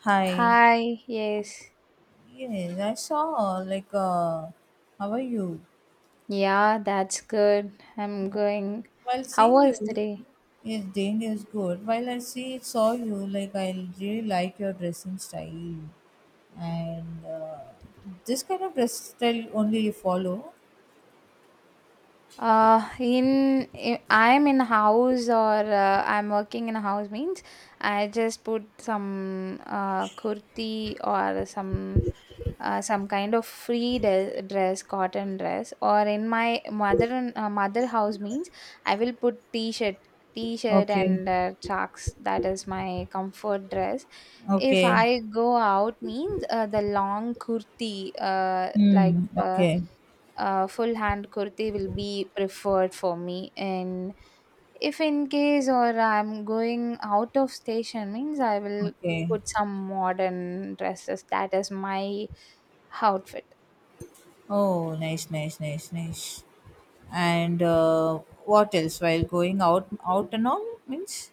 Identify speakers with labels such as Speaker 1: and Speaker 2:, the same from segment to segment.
Speaker 1: Hi.
Speaker 2: Hi, yes.
Speaker 1: Yes, I saw like how are you?
Speaker 2: Yeah, that's good. I'm going.
Speaker 1: While
Speaker 2: How
Speaker 1: seeing
Speaker 2: was
Speaker 1: you
Speaker 2: today?
Speaker 1: yes Dane is good. While I see saw you like I really like your dressing style and this kind of dress style only you follow.
Speaker 2: I'm in house or I'm working in a house means I just put some kurti or some kind of dress cotton dress or in my mother and mother house means I will put t-shirt
Speaker 1: Okay.
Speaker 2: and socks. That is my comfort dress. If
Speaker 1: Okay.
Speaker 2: I go out means the long kurti
Speaker 1: Hmm. Okay.
Speaker 2: full hand kurti will be preferred for me, and if in case or I'm going out of station means I will
Speaker 1: Okay.
Speaker 2: put some modern dresses. That is my outfit.
Speaker 1: Oh nice, nice, nice, nice. And what else while going out out and all means?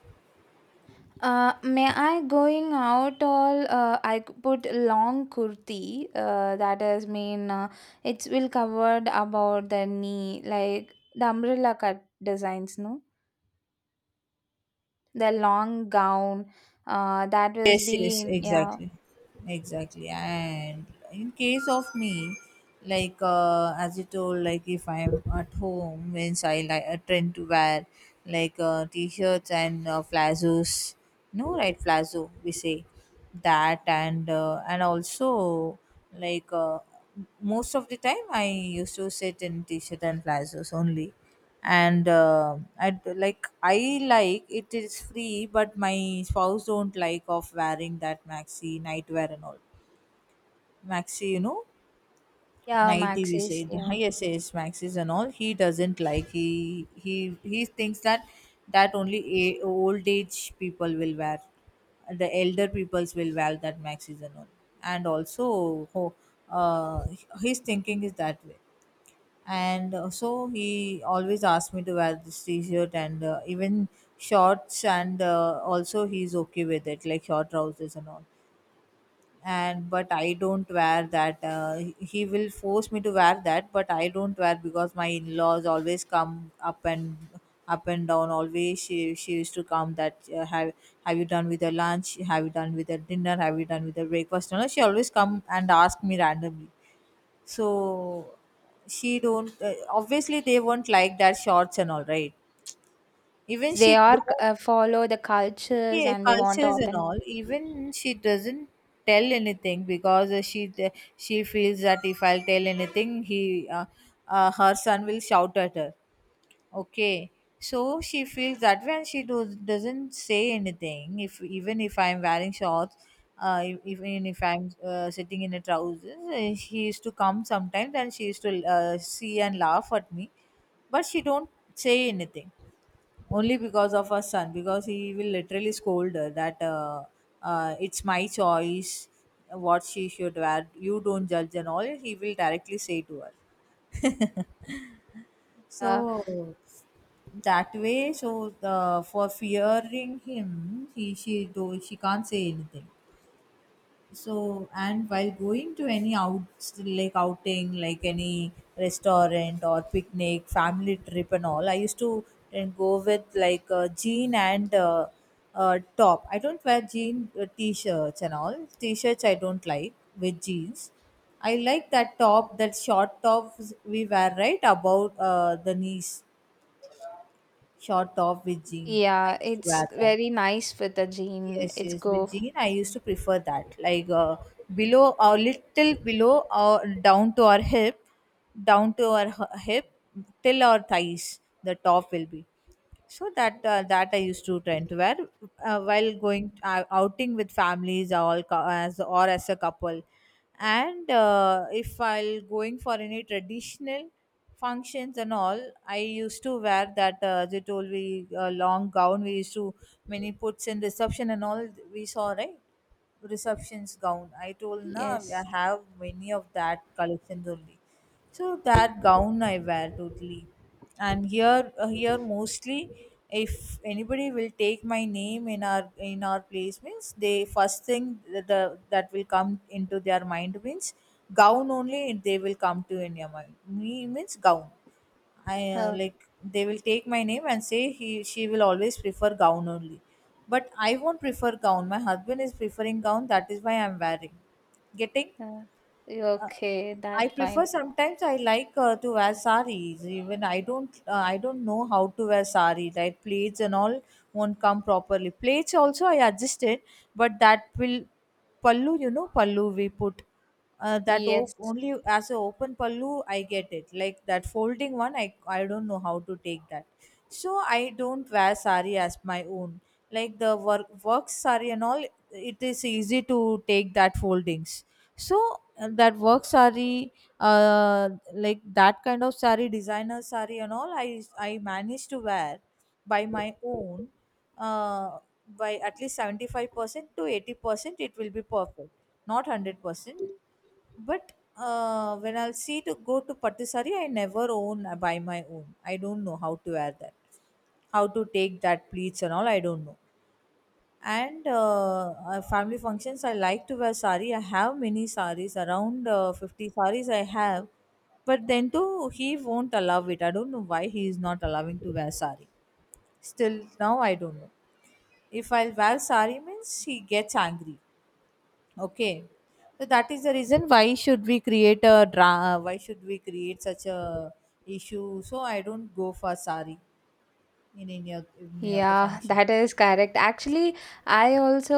Speaker 2: May I going out all put long kurti, that is mean it will covered about the knee, like the umbrella cut designs, no, the long gown, that was
Speaker 1: Yes, yes,
Speaker 2: be yeah
Speaker 1: exactly. Exactly. And in case of me, like as you told, like if I'm at home, means I tend to wear like t-shirts and flazos, no right flazo we say that and also like most of the time I used to sit in t-shirt and flazos only and I like it is free, but my spouse don't like of wearing that maxi nightwear and all. Maxi, you know,
Speaker 2: yeah,
Speaker 1: nighty we
Speaker 2: maxis,
Speaker 1: say the
Speaker 2: yeah,
Speaker 1: highest is maxis and all. He doesn't like. He thinks that that only a, old age people will wear. The elder peoples will wear that maxis and all. And also, uh, his thinking is that way and so he always asked me to wear this t-shirt and even shorts and also he's okay with it like short trousers and all and but I don't wear that he will force me to wear that but I don't wear because my in-laws always come up and up and down always she used to come that have you done with your lunch, have you done with your dinner, have you done with your breakfast, you know she always come and ask me randomly. So she don't obviously they won't like that shorts and all right, even
Speaker 2: they
Speaker 1: she
Speaker 2: are
Speaker 1: don't.
Speaker 2: follow the cultures
Speaker 1: Yeah,
Speaker 2: and they want
Speaker 1: cultures and
Speaker 2: authentic.
Speaker 1: all, even she doesn't tell anything because she feels that if I'll tell anything he her son will shout at her. Okay. So she feels that when doesn't say anything, if even if I'm wearing shorts, even if I'm sitting in a trousers, she used to come sometimes and she used to see and laugh at me, but she don't say anything. Only because of her son, because he will literally scold her that it's my choice what she should wear. You don't judge and all. He will directly say to her.
Speaker 2: Uh,
Speaker 1: So that way, so the for fearing him, he she do she can't say anything. So and while going to any outs like outing, like any restaurant or picnic, family trip and all, I used to then go with like a jean and top. I don't wear jean t-shirts and all. T-shirts I don't like with jeans. I like that top, that short top we wear right about the knees. Short top with jean. I
Speaker 2: yeah,
Speaker 1: used to
Speaker 2: it's
Speaker 1: wear that.
Speaker 2: very nice with the jean.
Speaker 1: Yes,
Speaker 2: It's
Speaker 1: yes, with
Speaker 2: go.
Speaker 1: jean, I used to prefer that. Like below, or little below, or down to our hip, down to our hip, till our thighs, the top will be so that that I used to tend to wear while going outing with families or all as or as a couple. And if I'll going for any traditional functions and all I used to wear that as you told me long gown we used to many puts in reception and all we saw right, receptions gown I told na I
Speaker 2: Yes.
Speaker 1: have many of that collections only, so that gown I wear totally. And here here mostly, if anybody will take my name in our place means they first thing that that will come into their mind means gown only they will come to in your mind. Me means gown. I
Speaker 2: Oh,
Speaker 1: like they will take my name and say he she will always prefer gown only. But I won't prefer gown. My husband is preferring gown. That is why I'm wearing. Getting?
Speaker 2: yeah. Okay,
Speaker 1: I
Speaker 2: that
Speaker 1: prefer
Speaker 2: fine.
Speaker 1: sometimes I like to wear saris. Even I don't know how to wear sari. Right, plaits and all won't come properly. Plaits also I adjusted, but that will pallu. You know pallu we put that
Speaker 2: Yes.
Speaker 1: only as a open pallu I get it. Like that folding one I don't know how to take that. So I don't wear sari as my own. Like the work work sari and all, it is easy to take that foldings, so that work sari uh, like that kind of sari designer sari and all I managed to wear by my own, uh, by at least 75% to 80% it will be perfect, not 100%, but when I'll see to go to pattu sari I never own by my own, I don't know how to wear that, how to take that pleats and all I don't know. And family functions, I like to wear sari. I have many saris, around 50 saris I have. But then too, he won't allow it. I don't know why he is not allowing to wear sari. Still now, I don't know. If I'll wear sari means he gets angry. Okay. So that is the reason, why should we create a why should we create such a issue? So I don't go for sari in any of the
Speaker 2: Yeah,
Speaker 1: function.
Speaker 2: that is correct. Actually, I also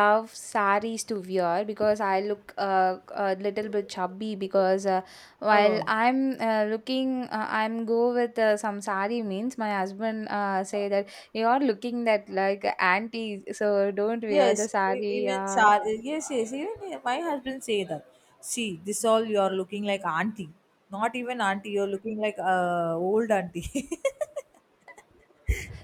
Speaker 2: love saris to wear because I look a little bit chubby because while
Speaker 1: Oh.
Speaker 2: I'm looking, I'm go with some sari means my husband say that you're looking that like auntie, so don't wear
Speaker 1: Yes,
Speaker 2: the sari.
Speaker 1: even
Speaker 2: Yeah.
Speaker 1: Char. Yes, yes. Even my husband say that. See, this all you are looking like auntie. Not even auntie. You're looking like old auntie.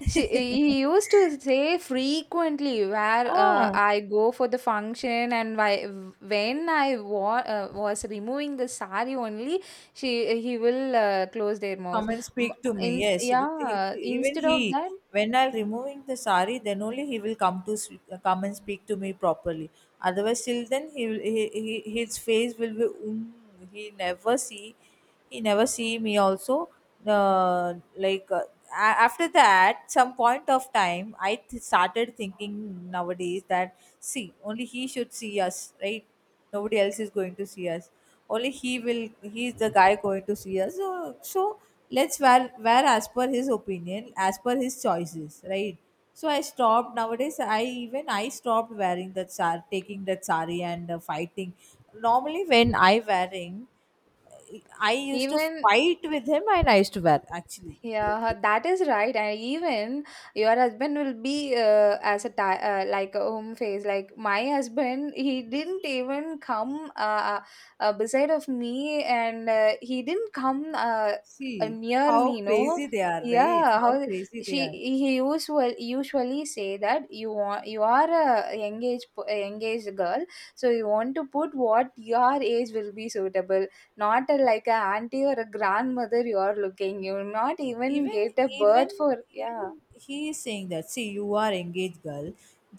Speaker 2: She, he used to say frequently where
Speaker 1: ah,
Speaker 2: I go for the function, and why, when I was removing the sari only, she he will close their mouths.
Speaker 1: come and
Speaker 2: M-
Speaker 1: speak to me. Yes, even
Speaker 2: Instead
Speaker 1: he,
Speaker 2: of that,
Speaker 1: when I'm removing the sari, then only he will come to come and speak to me properly. Otherwise, till then he will he his face will be he never see he never see me also. Uh, like uh, after that, some point of time, started thinking nowadays that see only he should see us, right? Nobody else is going to see us, only he's the guy going to see us, so, so let's wear, wear as per his opinion, as per his choices right. So I stopped nowadays, I stopped wearing that sar taking that sari and fighting. Normally when I wearing I used to
Speaker 2: even.
Speaker 1: fight with him and I used to wear actually.
Speaker 2: Yeah, that is right. And even your husband will be as a ti like a home face. Like my husband, he didn't even come beside of me, and he didn't come
Speaker 1: See
Speaker 2: near
Speaker 1: how
Speaker 2: me. No,
Speaker 1: crazy they are, right,
Speaker 2: yeah.
Speaker 1: how
Speaker 2: How
Speaker 1: crazy they
Speaker 2: she
Speaker 1: are.
Speaker 2: he usual usually say that you want, you are a engaged engaged girl, so you want to put what your age will be suitable. Not a, like a auntie or a grandmother you are looking. You not even
Speaker 1: even
Speaker 2: get a
Speaker 1: even
Speaker 2: birth for
Speaker 1: Even
Speaker 2: yeah.
Speaker 1: he is saying that see you are engaged girl,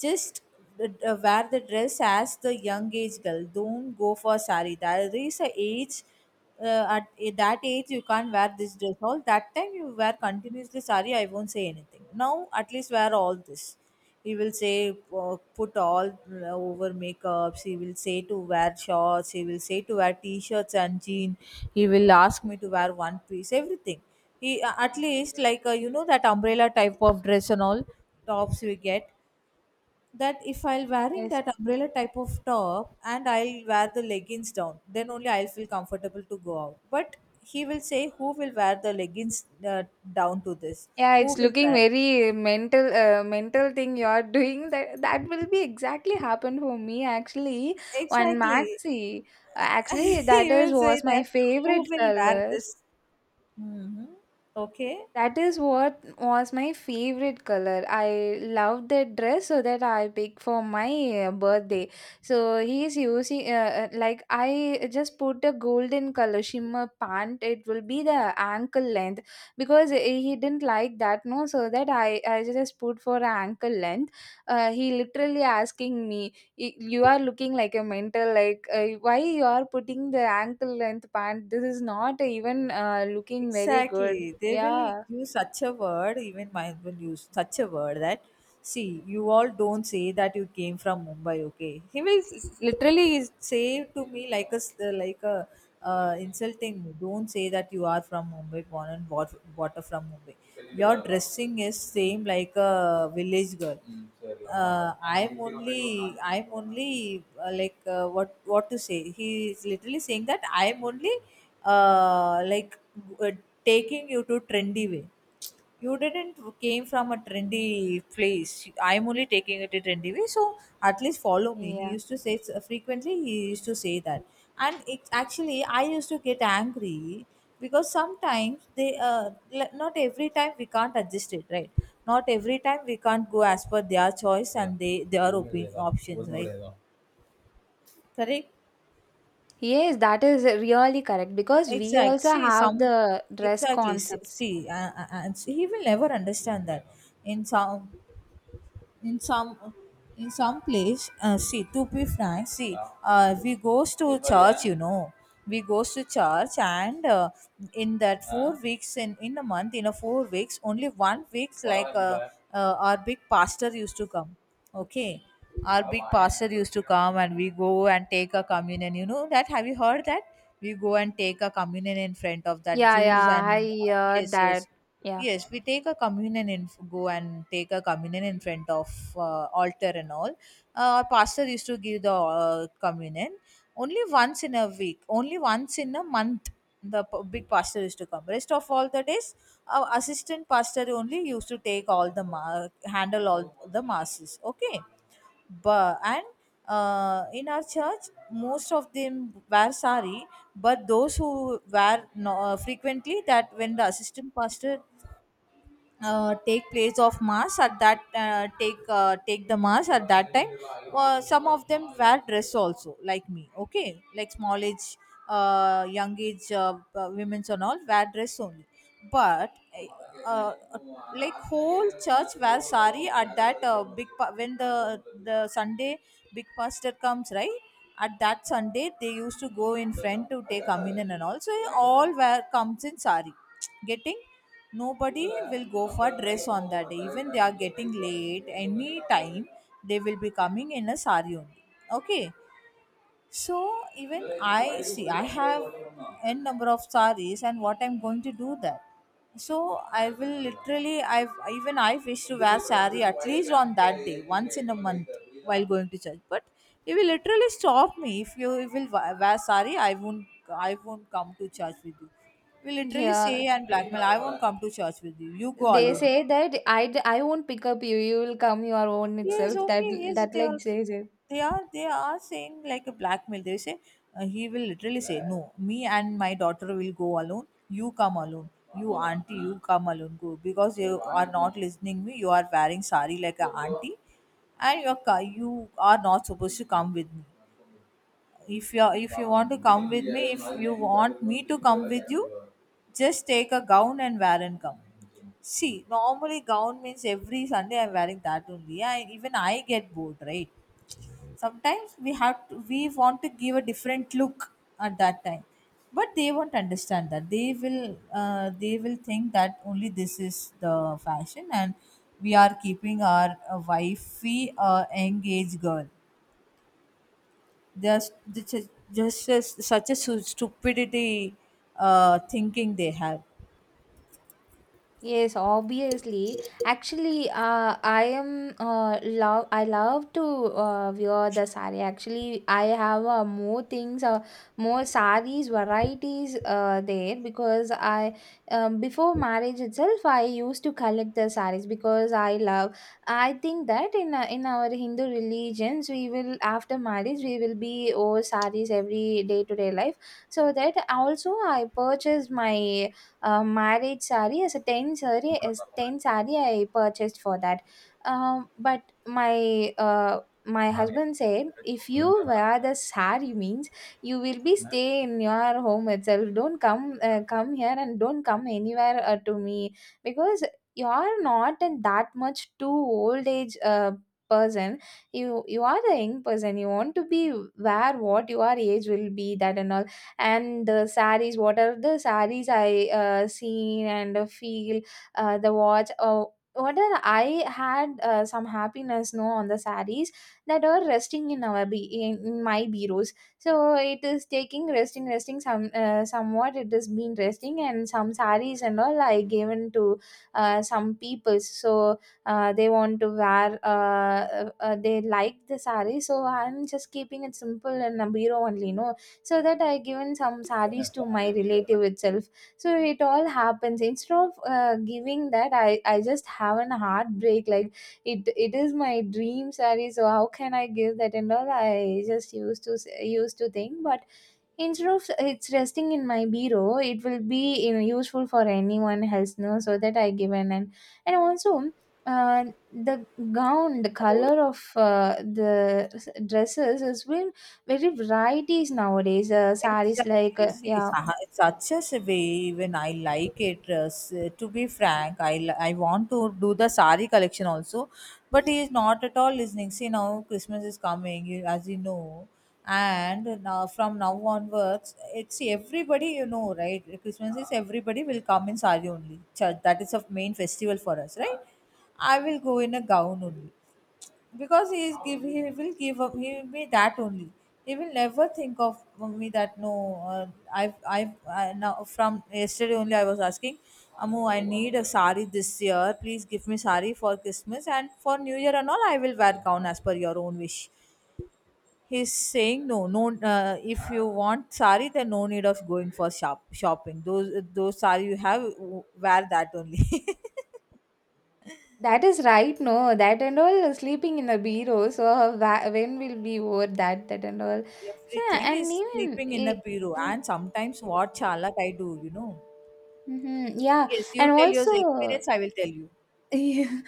Speaker 1: just uh, wear the dress as the young age girl, don't go for sari, there is a age, that age you can't wear this dress, all that time you wear continuously sari I won't say anything, now at least wear all this. He will say put all over makeups, he will say to wear shorts, he will say to wear t-shirts and jean, he will ask me to wear one piece, everything. He at least like you know that umbrella type of dress and all tops we get, that if I'll wearing
Speaker 2: Yes.
Speaker 1: that umbrella type of top and I'll wear the leggings down, then only I'll feel comfortable to go out. But he will say who will wear the leggings uh, down to this,
Speaker 2: Yeah,
Speaker 1: who
Speaker 2: it's
Speaker 1: will
Speaker 2: looking
Speaker 1: wear,
Speaker 2: very mental, mental thing you are doing, that that will be exactly happen for me actually on
Speaker 1: exactly.
Speaker 2: Maxi. Actually that
Speaker 1: He
Speaker 2: is
Speaker 1: will say
Speaker 2: was my
Speaker 1: that, who
Speaker 2: favorite
Speaker 1: will wear
Speaker 2: color.
Speaker 1: this. Mm-hmm. Okay.
Speaker 2: That is what was my favorite color. I loved that dress so that I picked for my birthday. So he is using like I just put a golden color shimmer pant. It will be the ankle length because eh, he didn't like that no. So that I just put for ankle length. He literally asking me, You are looking like a mental. Like why you are putting the ankle length pant? This is not even looking very good."
Speaker 1: Exactly. They will
Speaker 2: Yeah.
Speaker 1: use such a word, even mine will use such a word that, see, you all don't say that you came from Mumbai, okay? He will literally say to me like a, like a insulting, me. Don't say that you are from Mumbai, born and bought, water from Mumbai. Your dressing is same like a village girl. I'm only like what to say. He is literally saying that I'm only uh, like uh, taking you to trendy way. You didn't came from a trendy place. I'm only taking it a trendy way, so at least follow me. He
Speaker 2: Yeah.
Speaker 1: used to say frequently. He used to say that, and it's actually I used to get angry because sometimes not every time we can't adjust it right. Not every time we can't go as per their choice and they their opinion options right. Correct.
Speaker 2: Yes, that is really correct because we
Speaker 1: Exact.
Speaker 2: also
Speaker 1: See,
Speaker 2: have
Speaker 1: some
Speaker 2: the dress
Speaker 1: exactly. See,
Speaker 2: concepts.
Speaker 1: see, and see, he will never understand that. In some, in some in some place, see, to be frank, see, uh, we goes to church you know we goes to church. And in that 4 weeks, in a month, in a 4 weeks only one week, our big pastor used to come. Okay, our big pastor used to come, and we go and take a communion. You know that? Have you heard that? We go and take a communion in front of that
Speaker 2: Yeah,
Speaker 1: jews,
Speaker 2: yeah, I
Speaker 1: and
Speaker 2: hear
Speaker 1: yes,
Speaker 2: that.
Speaker 1: yes.
Speaker 2: Yeah.
Speaker 1: Yes, we take a communion and go and take a communion in front of altar and all. Pastor used to give the communion only once in a week, only once in a month. The big pastor used to come. Rest of all the days, our assistant pastor only used to take all the ma- handle all the masses. Okay, but and in our church, most of them wear sari, but those who wear no, frequently, that when the assistant pastor take the mass at that time, some of them wear dress also like me. Okay, like small age young age women's and all wear dress only. But uh, uh, like whole church wears sari at that when the Sunday big pastor comes, right? At that Sunday, they used to go in front to take communion and all, so all wear comes in sari. Getting Nobody will go for dress on that day, even they are getting late any time, they will be coming in a sari only. Okay, so even I see I have n number of sarees, and what I'm going to do that? So I will literally I've even I wish to wear saree at least on that day once in a month while going to church. But he will literally stop me. If you will wear saree, I won't come to church with you. He will literally
Speaker 2: Yeah,
Speaker 1: say and blackmail, "I won't come to church with you. You go
Speaker 2: they
Speaker 1: alone."
Speaker 2: say that I won't pick up you. You will come your own
Speaker 1: Yes,
Speaker 2: itself. That
Speaker 1: okay, yes,
Speaker 2: that like says it.
Speaker 1: they are saying like a blackmail. They say, he will literally say, "No, me and my daughter will go alone. You come alone. You auntie, you come alone. Go because you are not listening me. You are wearing sari like a auntie, and you are not supposed to come with me. If you want to come with me, if you want me to come with you, just take a gown and wear and come." See, normally gown means every Sunday I'm wearing that only. Even I get bored, right? Sometimes we want to give a different look at that time, but they won't understand that. They will think that only this is the fashion, and we are keeping our wifey engaged girl. There's just such a stupidity thinking they have.
Speaker 2: Yes, obviously. Actually, I am love. I love to wear the sari. Actually, I have more things, more saris varieties there because I before marriage itself, I used to collect the saris because I love. I think that in our Hindu religions, we will after marriage we will be oh saris every day to day life. So that also I purchased my marriage saree as a 10 saree, as 10 saree I purchased for that. But my my husband said if you wear the saree means you will be stay in your home itself, don't come, come here and don't come anywhere to me because you are not in that much too old age person. You are a young person. You want to be where what your age will be, that and all. And the sarees, what are the sarees I seen and feel, the watch, oh what are I had some happiness no on the sarees that are resting in our be in my bureaus. So it is taking resting, some somewhat it has been resting, and some sarees and all I given to some people so they want to wear they like the saree, so I'm just keeping it simple in a bureau only no. So that I given some sarees to my relative itself. So it all happens, instead of giving that, I just have an heartbreak like it is my dream saree, so how can I give that and all. I just used to think, but instead of it's resting in my bureau, it will be you know, useful for anyone else, no? So that I given. And also uh, the gown, the color of dresses is been very varieties nowadays. Saris like
Speaker 1: Exactly. See, it's
Speaker 2: yeah,
Speaker 1: a- it's such as a way. Even I like it. To be frank, I want to do the sari collection also, but he is not at all listening. See, now Christmas is coming, as you know, and now from now onwards, it's see, everybody you know, right? Christmas is Everybody will come in sari only. That is a main festival for us, right? I will go in a gown only because he is give he will give up he will be that only. He will never think of me that no. Uh, i've i've I, now from yesterday only, I was asking, "Amu, I need a sari this year. Please give me sari for Christmas and for New Year, and all. I will wear gown as per your own wish." He's saying, "No, no, if you want sari, then no need of going for shopping. Those sari you have, wear that only."
Speaker 2: that is right. No, that and all sleeping in the bureau. So when will we wear that? That and all. So
Speaker 1: Everything
Speaker 2: and
Speaker 1: is
Speaker 2: even.
Speaker 1: sleeping in a
Speaker 2: It,
Speaker 1: bureau. And sometimes what chalak I do.
Speaker 2: mm-hmm. Yeah,
Speaker 1: Yes, you
Speaker 2: and
Speaker 1: tell your
Speaker 2: also
Speaker 1: experience, I will tell you.
Speaker 2: yeah.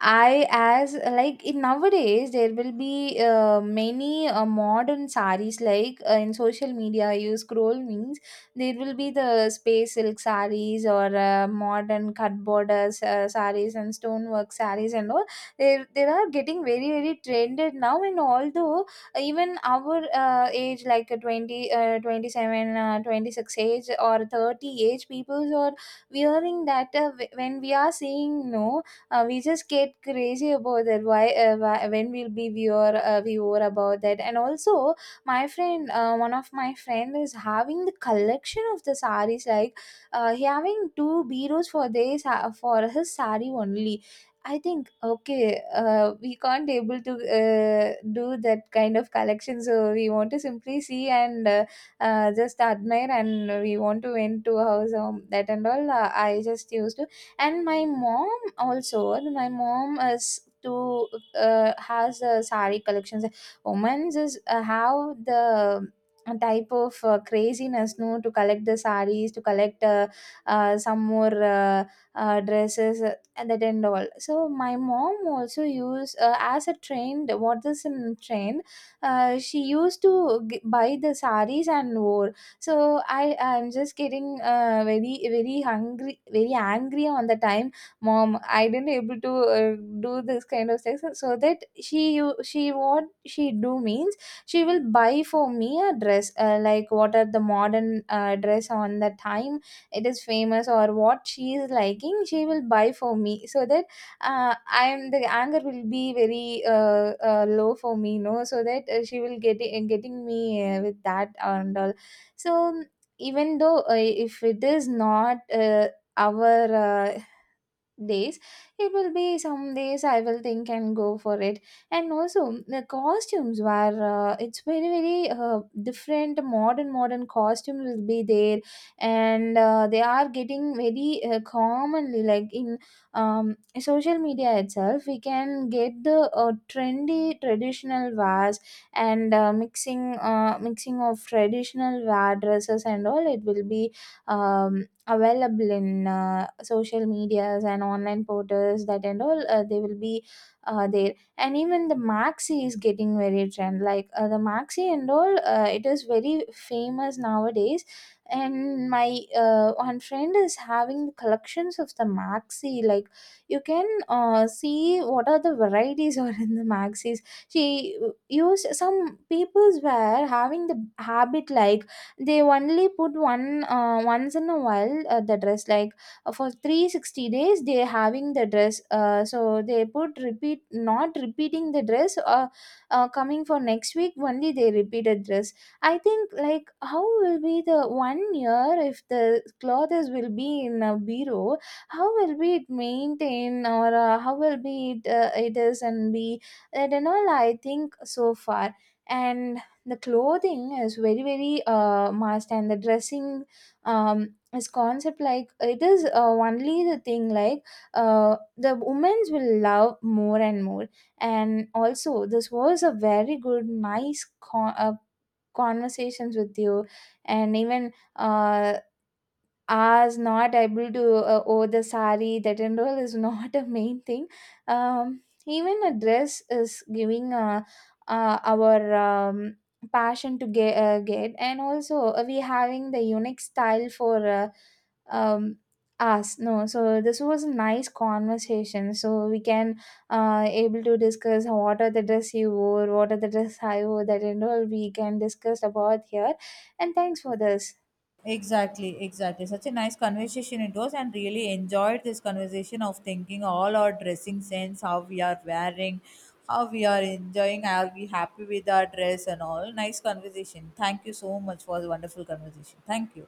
Speaker 2: I as like in nowadays there will be many modern saris like in social media you scroll means there will be the space silk saris or modern cut borders saris and stonework saris and all. They are getting very very trended now, and although even our age like 20 27 26 age or 30 age people are wearing that when we are saying no, we just get crazy about that why when will be we are we were about that. And also my friend, one of my friend is having the collection of the saris like he having two bureaus for this for his sari only. I think okay, we can't able to do that kind of collection, so we want to simply see and just admire and we want to went to house that and all uh, I just used to. And my mom also, my mom is to has sari collections. Women just have the type of craziness no to collect the saris, to collect some more dresses and that and all. So my mom also use as a trend what is in trend. She used to buy the saris and wore. So I'm just getting very very hungry, very angry on the time. Mom, I didn't able to do this kind of sex, so that she what she do means she will buy for me a dress like what are the modern dress on the time it is famous, or what she is liking she will buy for me, so that I'm the anger will be very low for me you know, so that she will get it, getting me with that and all. So even though if it is not our uh, days, it will be some days I will think and go for it. And also the costumes were it's very very different modern costume will be there, and they are getting very commonly like in social media itself we can get the trendy traditional wears, and mixing of traditional wear dresses and all. It will be um, available in social medias and online portals, that and all they will be there. And even the maxi is getting very trend like the maxi and all it is very famous nowadays. And my one friend is having collections of the maxi, like you can see what are the varieties are in the maxis. She used. Some peoples were having the habit like they only put one once in a while the dress, like for 360 days they having the dress, so they put repeat, not repeating the dress, coming for next week only they repeated dress. I think like how will be the one year if the clothes will be in a bureau, how will be it maintain, or how will be it, it is and be, that and all I think so far. And the clothing is very very must, and the dressing is concept, like it is only the thing like the women's will love more and more. And also this was a very good nice conversations with you. And even as not able to owe the sari that and all is not a main thing. Um, even a dress is giving our passion to get. And also we having the unique style for um, us no. So this was a nice conversation, so we can able to discuss what are the dress you wore, what are the dress I wore, that and all we can discuss about here. And thanks for this.
Speaker 1: Exactly, exactly. Such a nice conversation it was, and really enjoyed this conversation of thinking all our dressing sense, how we are wearing, how we are enjoying, are we happy with our dress, and all. Nice conversation. Thank you so much for the wonderful conversation. Thank you.